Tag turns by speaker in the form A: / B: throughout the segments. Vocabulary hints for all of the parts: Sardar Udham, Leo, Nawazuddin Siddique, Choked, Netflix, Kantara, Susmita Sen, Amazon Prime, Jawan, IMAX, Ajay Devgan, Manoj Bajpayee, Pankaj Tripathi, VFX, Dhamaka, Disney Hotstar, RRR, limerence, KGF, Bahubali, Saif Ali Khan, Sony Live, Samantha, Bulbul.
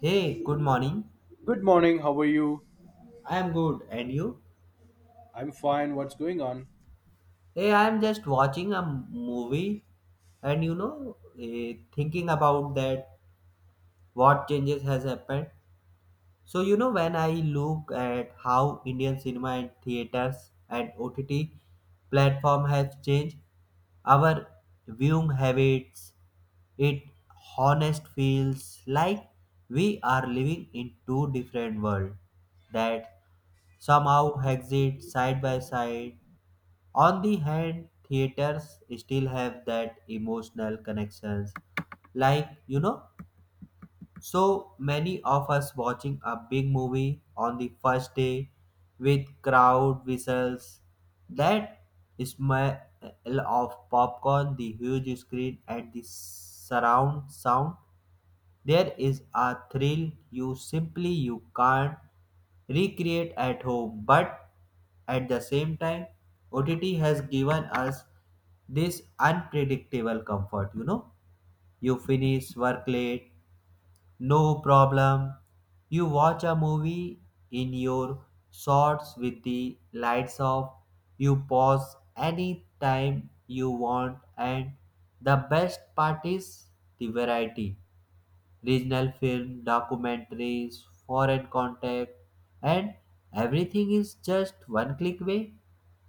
A: Hey, good morning.
B: Good morning. How are you?
A: I am good, and you?
B: I'm fine. What's going on?
A: Hey, I am just watching a movie, and you know, thinking about that, what changes has happened. So you know, when I look at how Indian cinema and theaters and OTT platform have changed our viewing habits, it honest feels like we are living in two different worlds that somehow exist side by side. On the hand, theaters still have that emotional connections. Like, you know, so many of us watching a big movie on the first day with crowd whistles, that smell of popcorn, the huge screen, and the surround sound there is a thrill you simply you can't recreate at home, but at the same time, OTT has given us this unpredictable comfort. You know, you finish work late, no problem. You watch a movie in your shorts with the lights off. You pause anytime you want, and the best part is the variety regional film, documentaries, foreign contact, and everything is just one click away.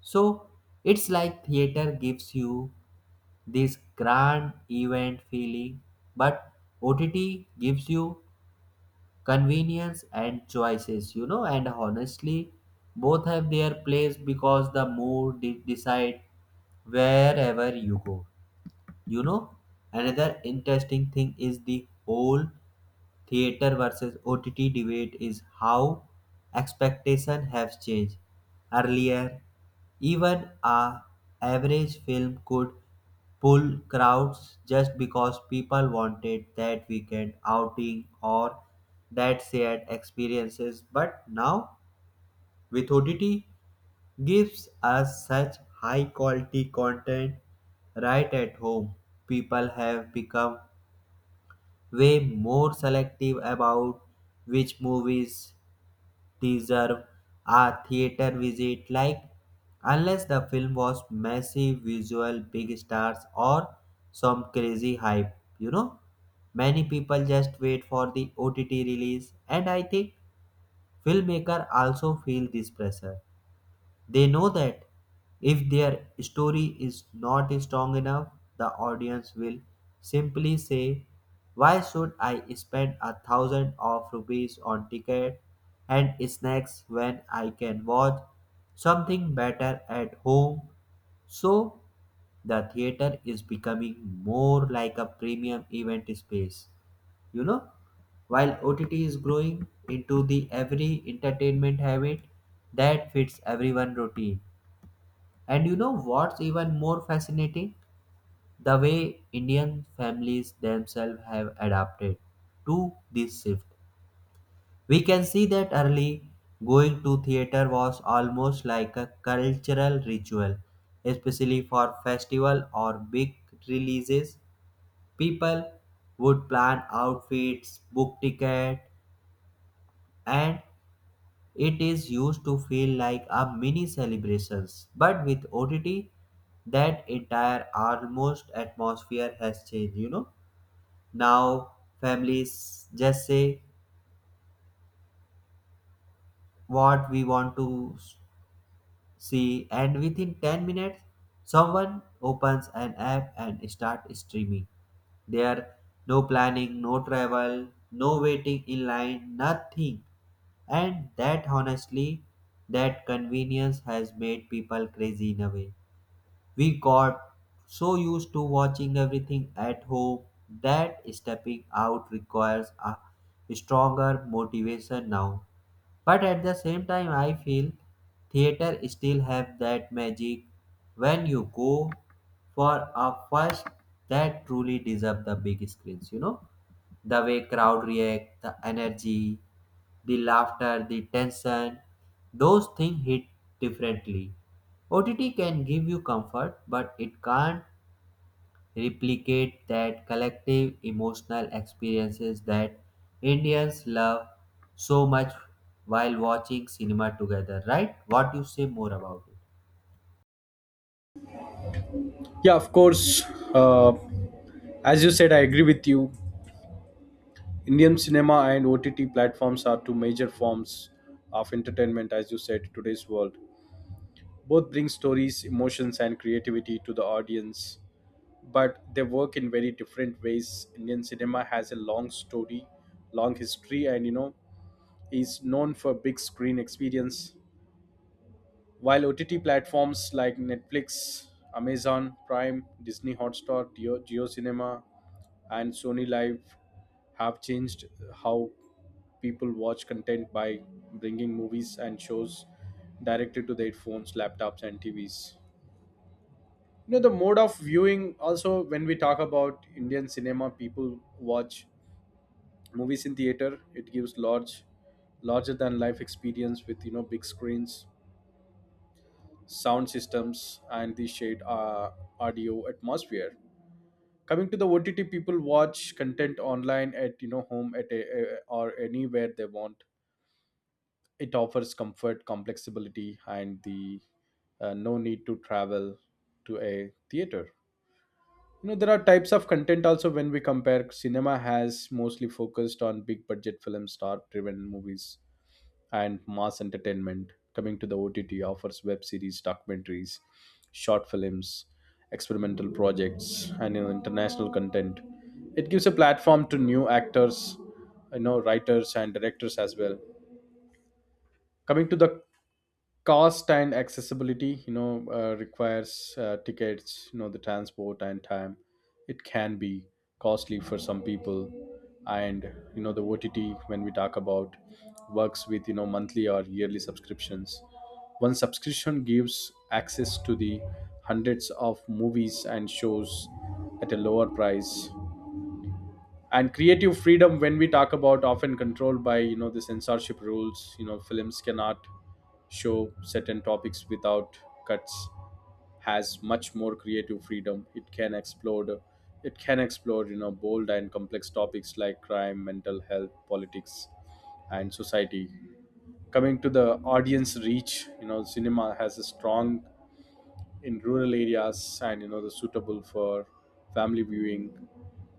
A: So it's like theater gives you this grand event feeling, but OTT gives you convenience and choices, you know, and honestly, both have their place because the mood decide wherever you go. You know, another interesting thing is the whole theater versus OTT debate is how expectation have changed. Earlier, even a average film could pull crowds just because people wanted that weekend outing or that shared experiences. But now with gives us such high quality content right at home. People have become way more selective about which movies deserve a theater visit, like unless the film was massive visual, big stars, or some crazy hype, you know many people just wait for the ott release, and I think filmmaker also feel this pressure. They know that if their story is not strong enough, the audience will simply say, "Why should I spend a thousand of rupees on ticket and snacks when I can watch something better at home?" So, the theater is becoming more like a premium event space, you know, while ott is growing into the every entertainment habit that fits everyone routine. And you know what's even more fascinating, the way indian families themselves have adapted to this shift. We can see that early going to theater was almost like a cultural ritual, especially for festival or big releases. People would plan outfits, book ticket, and it is used to feel like a mini celebrations, but with OTT, that entire almost atmosphere has changed. You know, now families just say what we want to see, and within 10 minutes, someone opens an app and starts streaming. There, no planning, no travel, no waiting in line, nothing. And that honestly, that convenience has made people crazy in a way. We got so used to watching everything at home that stepping out requires a stronger motivation now. But at the same time, I feel theater still have that magic when you go for a first that truly deserve the big screens. You know, the way crowd react, the energy, the laughter, the tension, those things hit differently. OTT can give you comfort, but it can't replicate that collective emotional experiences that Indians love so much while watching cinema together, right? What you say more about it?
B: Yeah, of course. Uh, as you said, I agree with you. Indian cinema and OTT platforms are two major forms of entertainment, as you said, in today's world. Both bring stories, emotions, and creativity to the audience, but they work in very different ways. Indian cinema has a long story, long history, and is known for big screen experience. While OTT platforms like Netflix, Amazon Prime, Disney Hotstar, Geo, Geo Cinema, and Sony Live have changed how people watch content by bringing movies and shows directly to their phones, laptops, and TVs. You know, the mode of viewing also, when we talk about Indian cinema, people watch movies in theater. It gives large, larger than life experience with, you know, big screens, sound systems, and the shared audio atmosphere. Coming to the OTT, people watch content online at, you know, home at or anywhere they want. It offers comfort, complexibility, and the no need to travel to a theater. You know, there are types of content also. When we compare, cinema has mostly focused on big budget film, star driven movies, and mass entertainment. Coming to the OTT, offers web series, documentaries, short films, experimental projects, and, you know, international content. It gives a platform to new actors, you know, writers and directors as well. Coming to the cost and accessibility, you know, requires tickets, you know, the transport and time. It can be costly for some people. And, you know, the OTT, when we talk about, works with, you know, monthly or yearly subscriptions. One subscription gives access to the hundreds of movies and shows at a lower price. And creative freedom, when we talk about, often controlled by, you know, the censorship rules. You know, films cannot show certain topics without cuts. Has much more creative freedom. It can explore, it can explore, you know, bold and complex topics like crime, mental health, politics, and society. Coming to the audience reach, you know, cinema has a strong in rural areas, and, you know, the suitable for family viewing,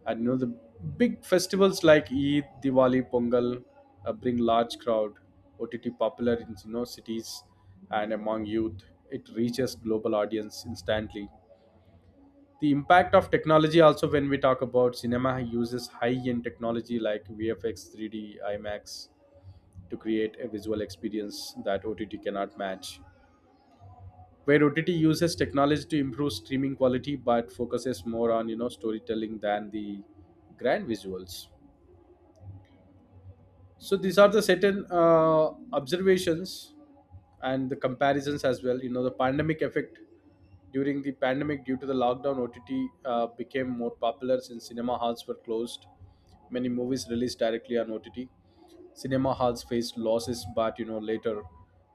B: and, you know, the big festivals like Eid, Diwali, Pongal bring large crowd. OTT popular in, you know, cities and among youth. It reaches global audience instantly. The impact of technology also, when we talk about cinema uses high-end technology like VFX, 3D, IMAX to create a visual experience that OTT cannot match, where OTT uses technology to improve streaming quality but focuses more on, you know, storytelling than the grand visuals. So these are the certain observations and the comparisons as well. You know, the pandemic effect, during the pandemic due to the lockdown, OTT became more popular since cinema halls were closed. Many movies released directly on OTT. Cinema halls faced losses, but, you know, later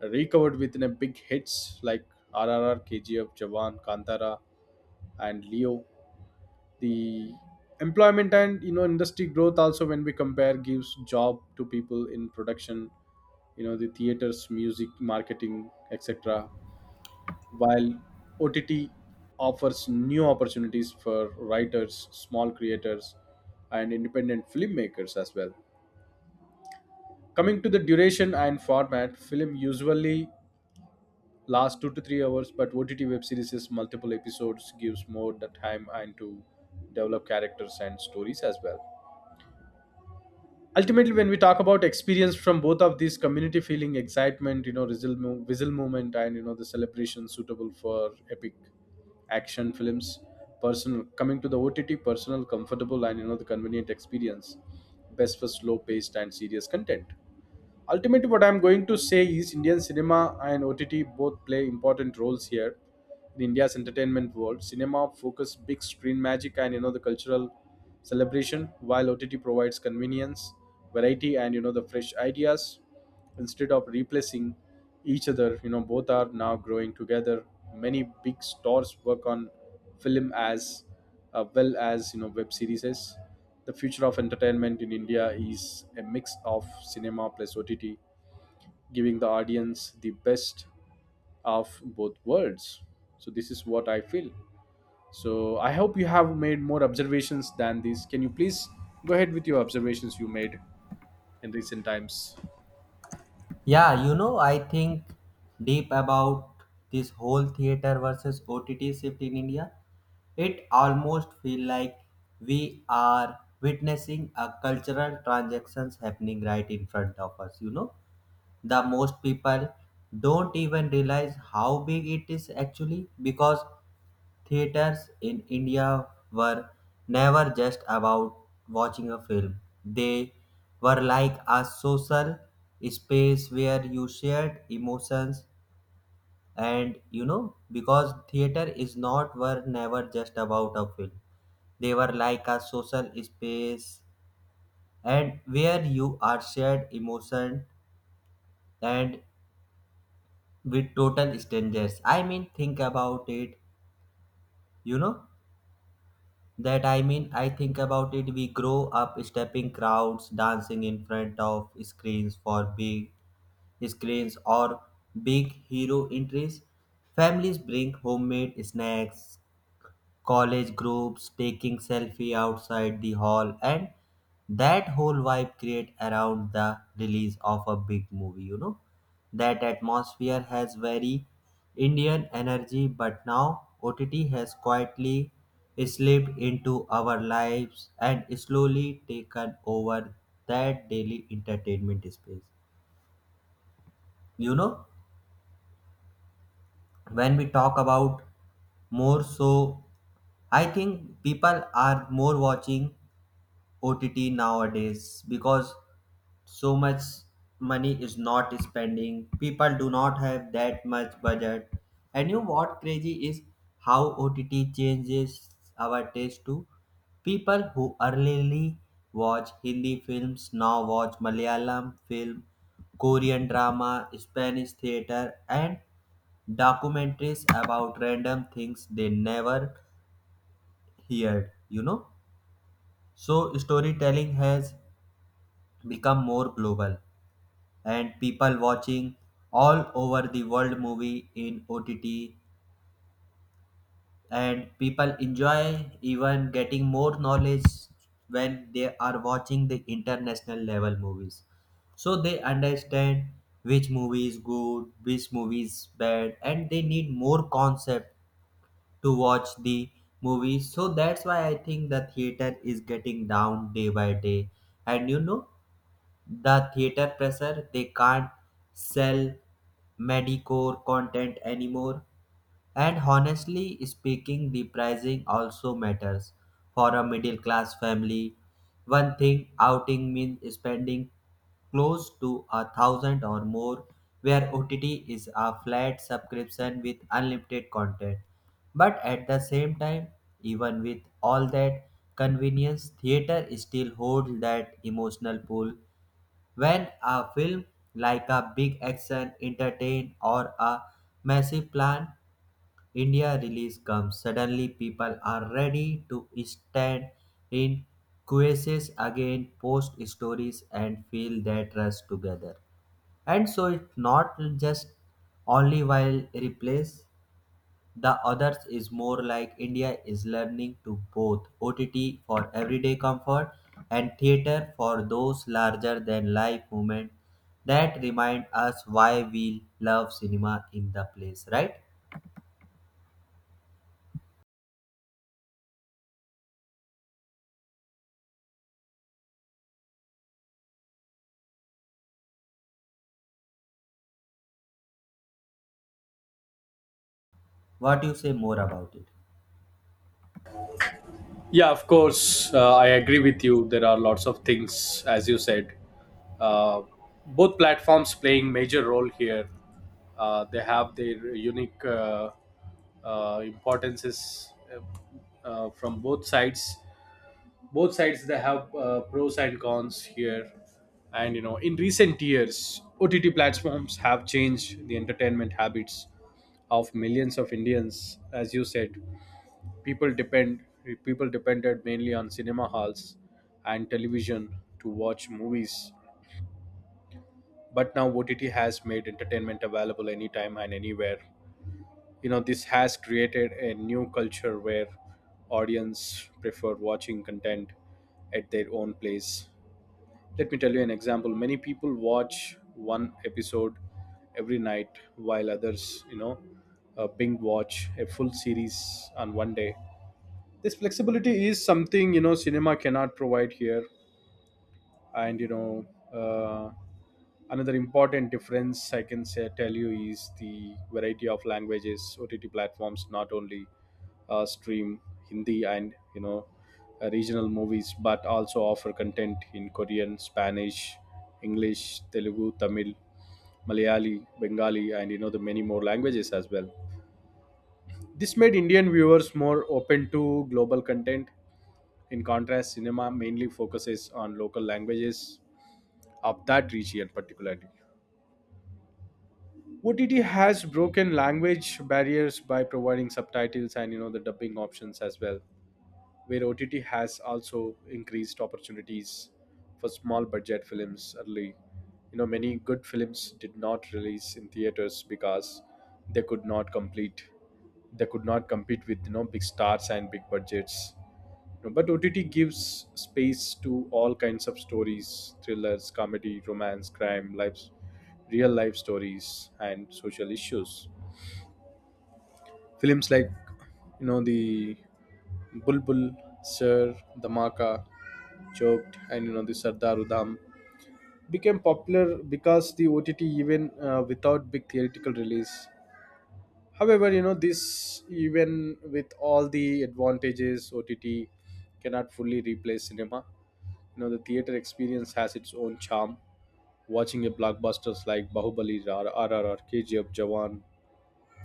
B: recovered within a big hits like RRR, KGF, Jawan, Kantara, and leo. The employment and, you know, industry growth also, when we compare, gives job to people in production, you know, the theaters, music, marketing, etc., while OTT offers new opportunities for writers, small creators, and independent filmmakers as well. Coming to the duration and format, film usually last 2 to 3 hours, but OTT web series' is multiple episodes, gives more the time and to develop characters and stories as well. Ultimately, when we talk about experience from both of these, community feeling, excitement, you know, whistle, whistle moment, and, you know, the celebration, suitable for epic action films. Personal, coming to the OTT, personal, comfortable, and, you know, the convenient experience, best for slow paced and serious content. Ultimately, what I'm going to say is Indian cinema and OTT both play important roles here in India's entertainment world. Cinema focuses big screen magic and, you know, the cultural celebration, while OTT provides convenience, variety, and, you know, the fresh ideas. Instead of replacing each other, you know, both are now growing together. Many big stores work on film as well as, you know, web series. The future of entertainment in India is a mix of cinema plus OTT, giving the audience the best of both worlds. So this is what I feel. So I hope you have made more observations than this. Can you please go ahead with your observations you made in recent times?
A: Yeah, you know, I think deep about this whole theater versus OTT shift in India. It almost feel like we are witnessing a cultural transactions happening right in front of us, you know the most people don't even realize how big it is actually because theaters in India were never just about watching a film. They were like a social space where you shared emotions and you know because theater is not were never just about a film. They were like a social space and where you are shared emotion and with total strangers. I mean, think about it, you know, I think about it. We grow up stepping crowds, dancing in front of screens for big screens or big hero entries. Families bring homemade snacks, college groups taking selfie outside the hall, and that whole vibe create around the release of a big movie. You know, that atmosphere has very indian energy, but now ott has quietly slipped into our lives and slowly taken over that daily entertainment space. You know, when we talk about more so, I think people are more watching OTT nowadays because so much money is not spending. People do not have that much budget. And you know what crazy is how OTT changes our taste too. People who early watch Hindi films now watch Malayalam film, Korean drama, Spanish theater, and documentaries about random things they never heard. You know, so storytelling has become more global, and people watching all over the world movie in OTT, and people enjoy even getting more knowledge when they are watching the international level movies, so they understand which movie is good, which movie is bad, and they need more concept to watch the movie. So that's why I think the theater is getting down day by day. And you know, the theater pressure, they can't sell Medicore content anymore. And honestly speaking, the pricing also matters. For a middle class family, one thing outing means spending close to a thousand or more, where OTT is a flat subscription with unlimited content. But at the same time, even with all that convenience, theater still holds that emotional pull when a film like a big action entertain or a massive plan India release comes, suddenly people are ready to stand in quizzes again, post stories and feel their trust together. And so it's not just only while replace the others is more like India is learning to both OTT for everyday comfort and theater for those larger than life moments that remind us why we love cinema in the place, right? What you say more about it?
B: Yeah, of course. I agree with you. There are lots of things, as you said. Uh, Both platforms playing major role here. They have their unique importances from both sides. Both sides they have pros and cons here. And, you know, in recent years, OTT platforms have changed the entertainment habits of millions of Indians. As you said, people depend people depended mainly on cinema halls and television to watch movies, but now OTT has made entertainment available anytime and anywhere. You know, this has created a new culture where audience prefer watching content at their own place. Let me tell you an example. Many people watch one episode every night, while others, you know, binge watch a full series on one day. This flexibility is something, you know, cinema cannot provide here. And, you know, uh, another important difference I can say tell you is the variety of languages. OTT platforms not only stream Hindi and, you know, regional movies, but also offer content in Korean, Spanish, English, Telugu, Tamil, Malayali, Bengali, and, you know, the many more languages as well. This made Indian viewers more open to global content. In contrast, cinema mainly focuses on local languages of that region, particularly. OTT has broken language barriers by providing subtitles and, you know, the dubbing options as well, where OTT has also increased opportunities for small budget films early. You know, many good films did not release in theaters because they could not complete they could not compete with, you know, big stars and big budgets. You know, but OTT gives space to all kinds of stories, thrillers, comedy, romance, crime, lives, real life stories, and social issues. Films like, you know, the Bulbul, Sir, Dhamaka, Choked, and, you know, the Sardar Udham became popular because the OTT, even without big theatrical release. However, you know, this, even with all the advantages, OTT cannot fully replace cinema. You know, the theater experience has its own charm. Watching a blockbusters like Bahubali, RRR, KGF, Jawan,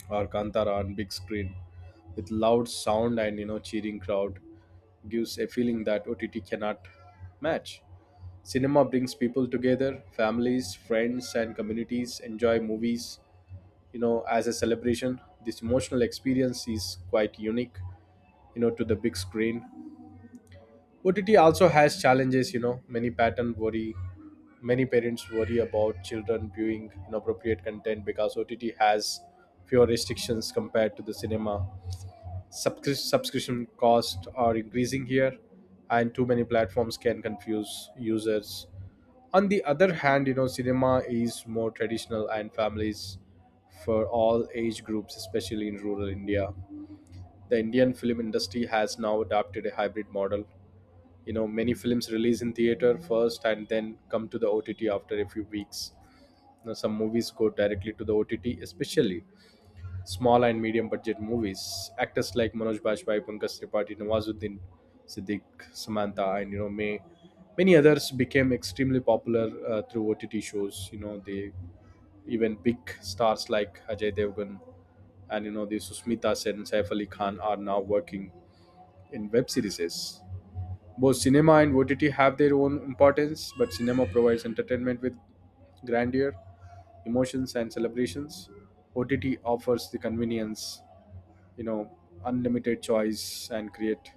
B: or Kantara on big screen with loud sound and, you know, cheering crowd gives a feeling that OTT cannot match. Cinema brings people together, families, friends, and communities enjoy movies. You know, as a celebration, this emotional experience is quite unique. You know, to the big screen. OTT also has challenges. You know, many parents worry about children viewing inappropriate content because OTT has fewer restrictions compared to the cinema. Subscription costs are increasing here, and too many platforms can confuse users. On the other hand, you know, cinema is more traditional and families for all age groups, especially in rural India. The Indian film industry has now adopted a hybrid model. You know, many films release in theater first and then come to the OTT after a few weeks. You know, some movies go directly to the OTT, especially small and medium budget movies. Actors like Manoj Bajpayee, Pankaj Tripathi, Nawazuddin Siddique, Samantha, and, you know, many others became extremely popular through OTT shows. You know, they, even big stars like Ajay Devgan and, you know, the Susmita Sen, Saif Ali Khan are now working in web series. Both cinema and OTT have their own importance, but cinema provides entertainment with grandeur, emotions, and celebrations. OTT offers the convenience, you know, unlimited choice and create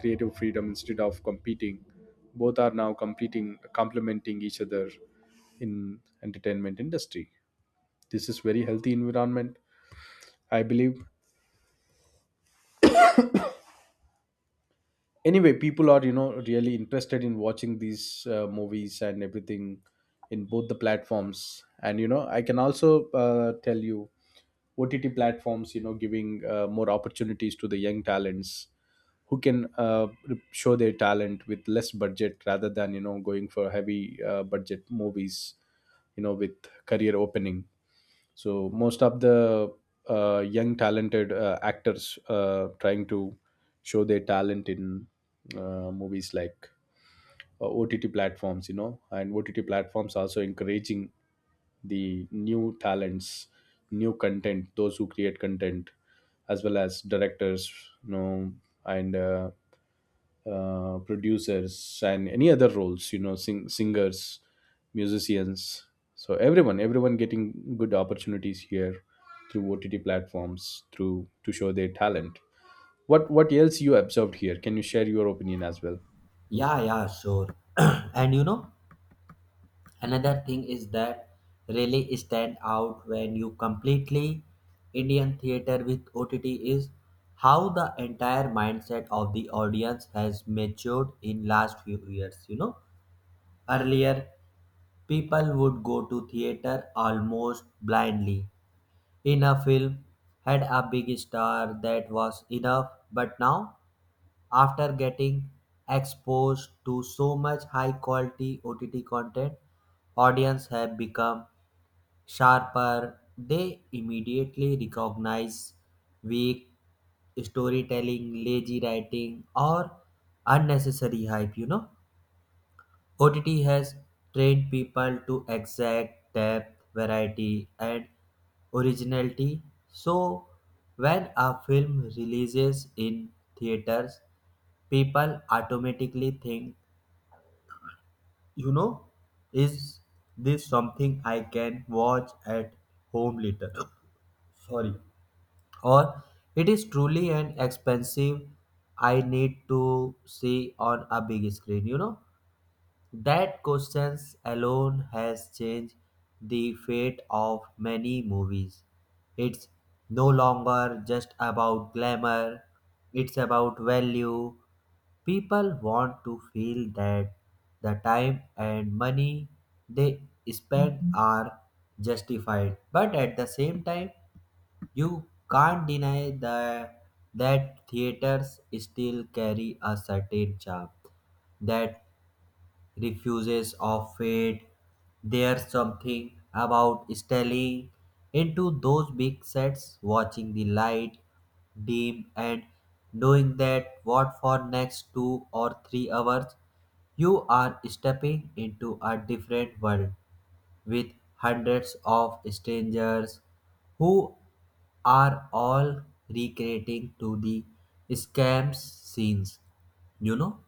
B: creative freedom. Instead of competing, both are now competing complementing each other in entertainment industry. This is very healthy environment, I believe. Anyway, people are, you know, really interested in watching these movies and everything in both the platforms. And, you know, I can also tell you, OTT platforms, you know, giving more opportunities to the young talents who can show their talent with less budget rather than, you know, going for heavy budget movies, you know, with career opening. So most of the young talented actors trying to show their talent in movies like OTT platforms, you know, and OTT platforms also encouraging the new talents, new content, those who create content, as well as directors, you know, and producers and any other roles, you know, singers, musicians. So everyone getting good opportunities here through OTT platforms through to show their talent. What else you observed here? Can you share your opinion as well?
A: Yeah, yeah, sure. And you know, another thing is that really stand out when you completely indian theater with ott is how the entire mindset of the audience has matured in last few years. You know, earlier people would go to theater almost blindly in a film had a big star that was enough, but now after getting exposed to so much high quality ott content, audience have become sharper. They immediately recognize weak storytelling, lazy writing, or unnecessary hype. You know, OTT has trained people to exact depth, variety, and originality. So, when a film releases in theaters, people automatically think, you know, is this something I can watch at home later? Sorry. Or it is truly an expensive I need to see on a big screen. You know, that questions alone has changed the fate of many movies. It's no longer just about glamour, it's about value. People want to feel that the time and money they spend are justified, but at the same time, you can't deny that theaters still carry a certain charm that refuses of fate. There's something about staring into those big sets, watching the light dim, and knowing that what for next 2 or 3 hours you are stepping into a different world with hundreds of strangers who are all recreating to the scams scenes. You know,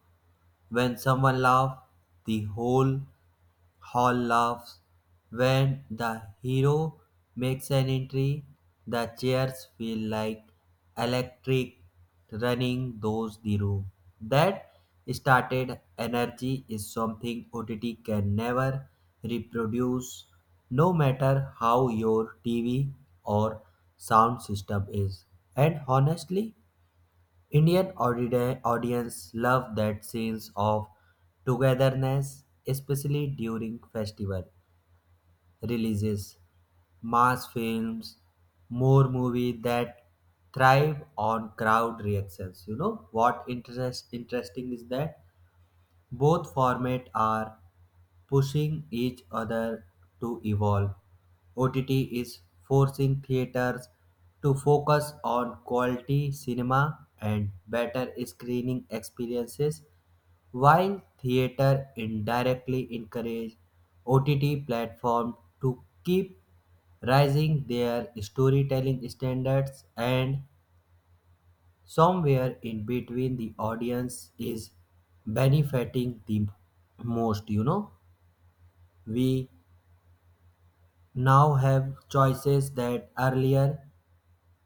A: when someone laughs, the whole hall laughs. When the hero makes an entry, the chairs feel like electric running those the room. That started energy is something OTT can never reproduce, no matter how your TV or sound system is. And honestly, Indian audience love that sense of togetherness, especially during festival releases, mass films, more movie that thrive on crowd reactions. You know what interesting is that both formats are pushing each other to evolve. OTT is forcing theaters to focus on quality cinema and better screening experiences, while theater indirectly encourage OTT platform to keep raising their storytelling standards. And somewhere in between, the audience is benefiting the most. You know, we now have choices that earlier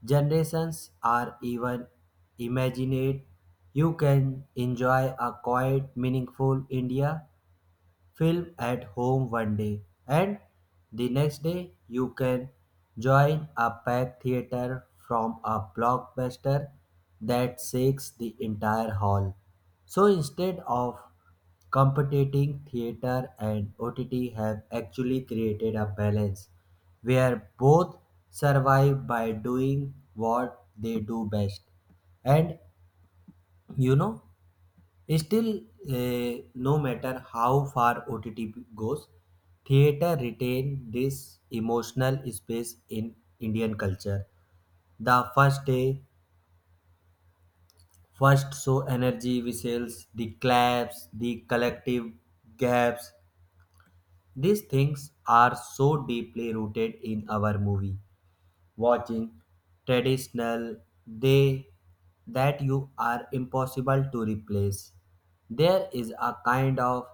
A: generations are even imagined. You can enjoy a quiet, meaningful India film at home one day, and the next day you can join a packed theater from a blockbuster that shakes the entire hall. So instead of competing, theater and OTT have actually created a balance where both survive by doing what they do best. And you know, still, no matter how far OTT goes, theater retained this emotional space in Indian culture. The first day, first show energy whistles, the claps, the collective gaps. These things are so deeply rooted in our movie watching traditional they that you are impossible to replace. There is a kind of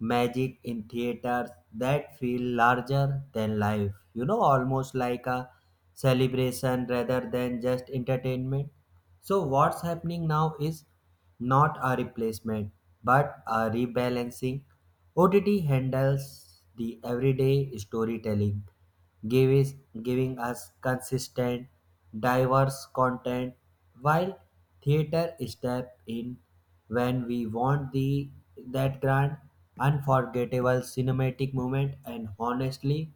A: magic in theaters that feel larger than life, you know, almost like a celebration rather than just entertainment. So what's happening now is not a replacement but a rebalancing. OTT handles the everyday storytelling, gives, giving us consistent, diverse content, while theater step in when we want the that grand, unforgettable cinematic moment. And honestly,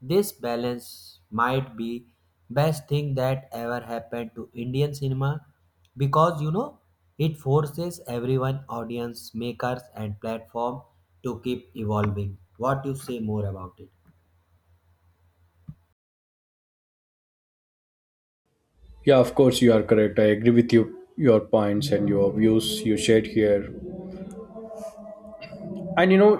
A: this balance might be best thing that ever happened to Indian cinema because you know it forces everyone audience makers and platform to keep evolving. What you say more about it?
B: Yeah, of course you are correct. I agree with you, your points and your views you shared here. And, you know,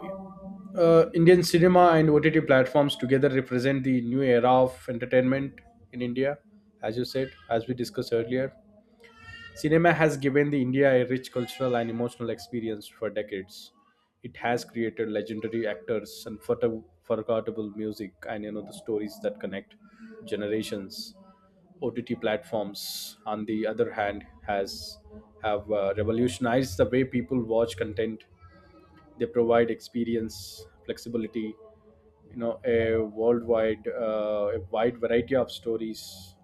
B: Indian cinema and OTT platforms together represent the new era of entertainment in India. As you said, as we discussed earlier, cinema has given the India a rich cultural and emotional experience for decades. It has created legendary actors and forgettable music and, you know, the stories that connect generations. OTT platforms, on the other hand, has have revolutionized the way people watch content. They provide experience, flexibility, you know, a wide variety of stories,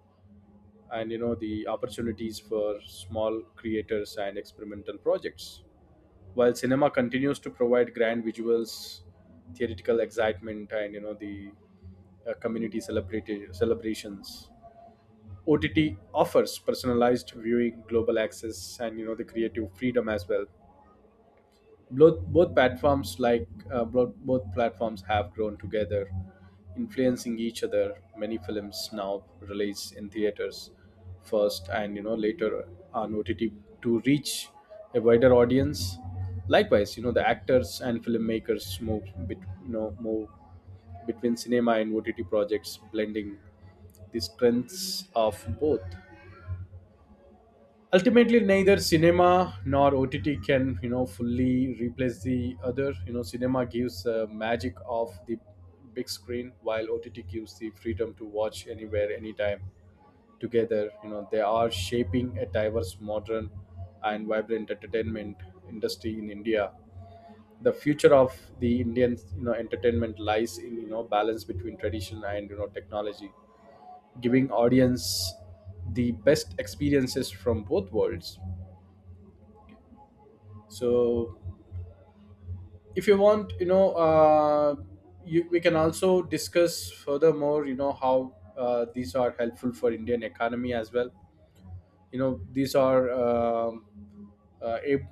B: and, you know, the opportunities for small creators and experimental projects. While cinema continues to provide grand visuals, theoretical excitement, and, you know, the community celebrations, OTT offers personalized viewing, global access, and, you know, the creative freedom as well. Both platforms have grown together, influencing each other. Many films now release in theaters first, and, you know, later on OTT to reach a wider audience. Likewise, you know, the actors and filmmakers move between cinema and OTT projects, blending the strengths of both. Ultimately, neither cinema nor OTT can, you know, fully replace the other. You know, cinema gives magic of the big screen, while OTT gives the freedom to watch anywhere, anytime. Together, you know, they are shaping a diverse, modern, and vibrant entertainment industry in India. The future of the Indian, you know, entertainment lies in, you know, balance between tradition and, you know, technology, giving audience the best experiences from both worlds. So if you want, you know, we can also discuss furthermore, you know, how these are helpful for Indian economy as well. You know, these are ab-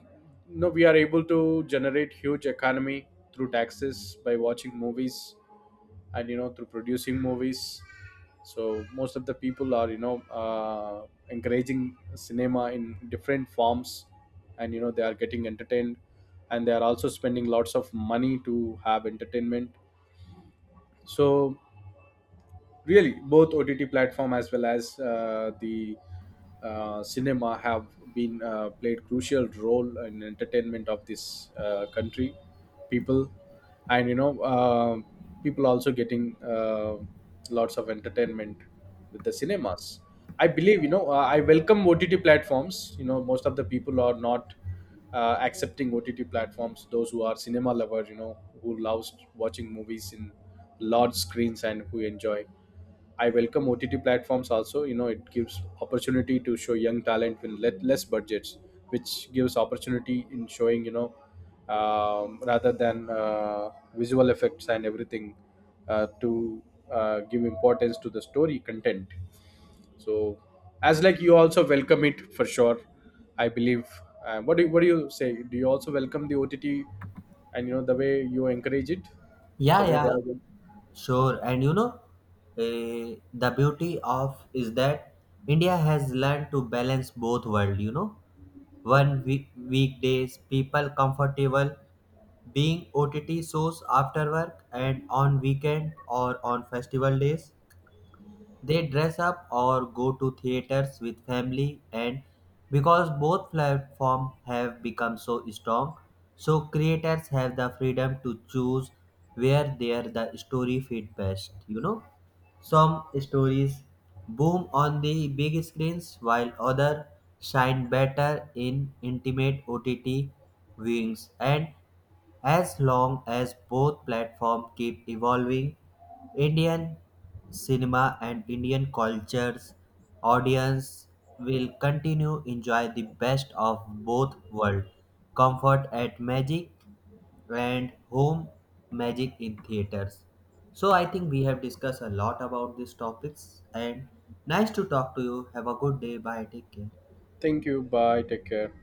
B: no. we are able to generate huge economy through taxes by watching movies and, you know, through producing movies. So most of the people are, you know, encouraging cinema in different forms, and, you know, they are getting entertained, and they are also spending lots of money to have entertainment. So really, both OTT platform as well as the cinema have been played crucial role in entertainment of this country, people. And, you know, people also getting lots of entertainment with the cinemas. I believe, you know, I welcome OTT platforms. You know, most of the people are not accepting OTT platforms, those who are cinema lovers, you know, who loves watching movies in large screens and who enjoy. I welcome OTT platforms also. You know, it gives opportunity to show young talent with less budgets, which gives opportunity in showing, you know, rather than visual effects and everything to give importance to the story content. So as like you also welcome it for sure, I believe. What do you say, do you also welcome the OTT and, you know, the way you encourage it,
A: Yeah,
B: the way they
A: yeah,
B: are going?
A: sure. And you know, the beauty of is that India has learned to balance both world. You know, One week, weekdays, people comfortable being OTT shows after work and on weekend or on festival days. They dress up or go to theaters with family, and because both platforms have become so strong, so creators have the freedom to choose where their the story fit best. You know, some stories boom on the big screens, while others shine better in intimate OTT viewings. And as long as both platforms keep evolving, Indian cinema and Indian culture's audience will continue enjoy the best of both worlds, comfort at magic and home magic in theaters. So I think we have discussed a lot about these topics and nice to talk to you. Have a good day. Bye. Take care.
B: Thank you. Bye. Take care.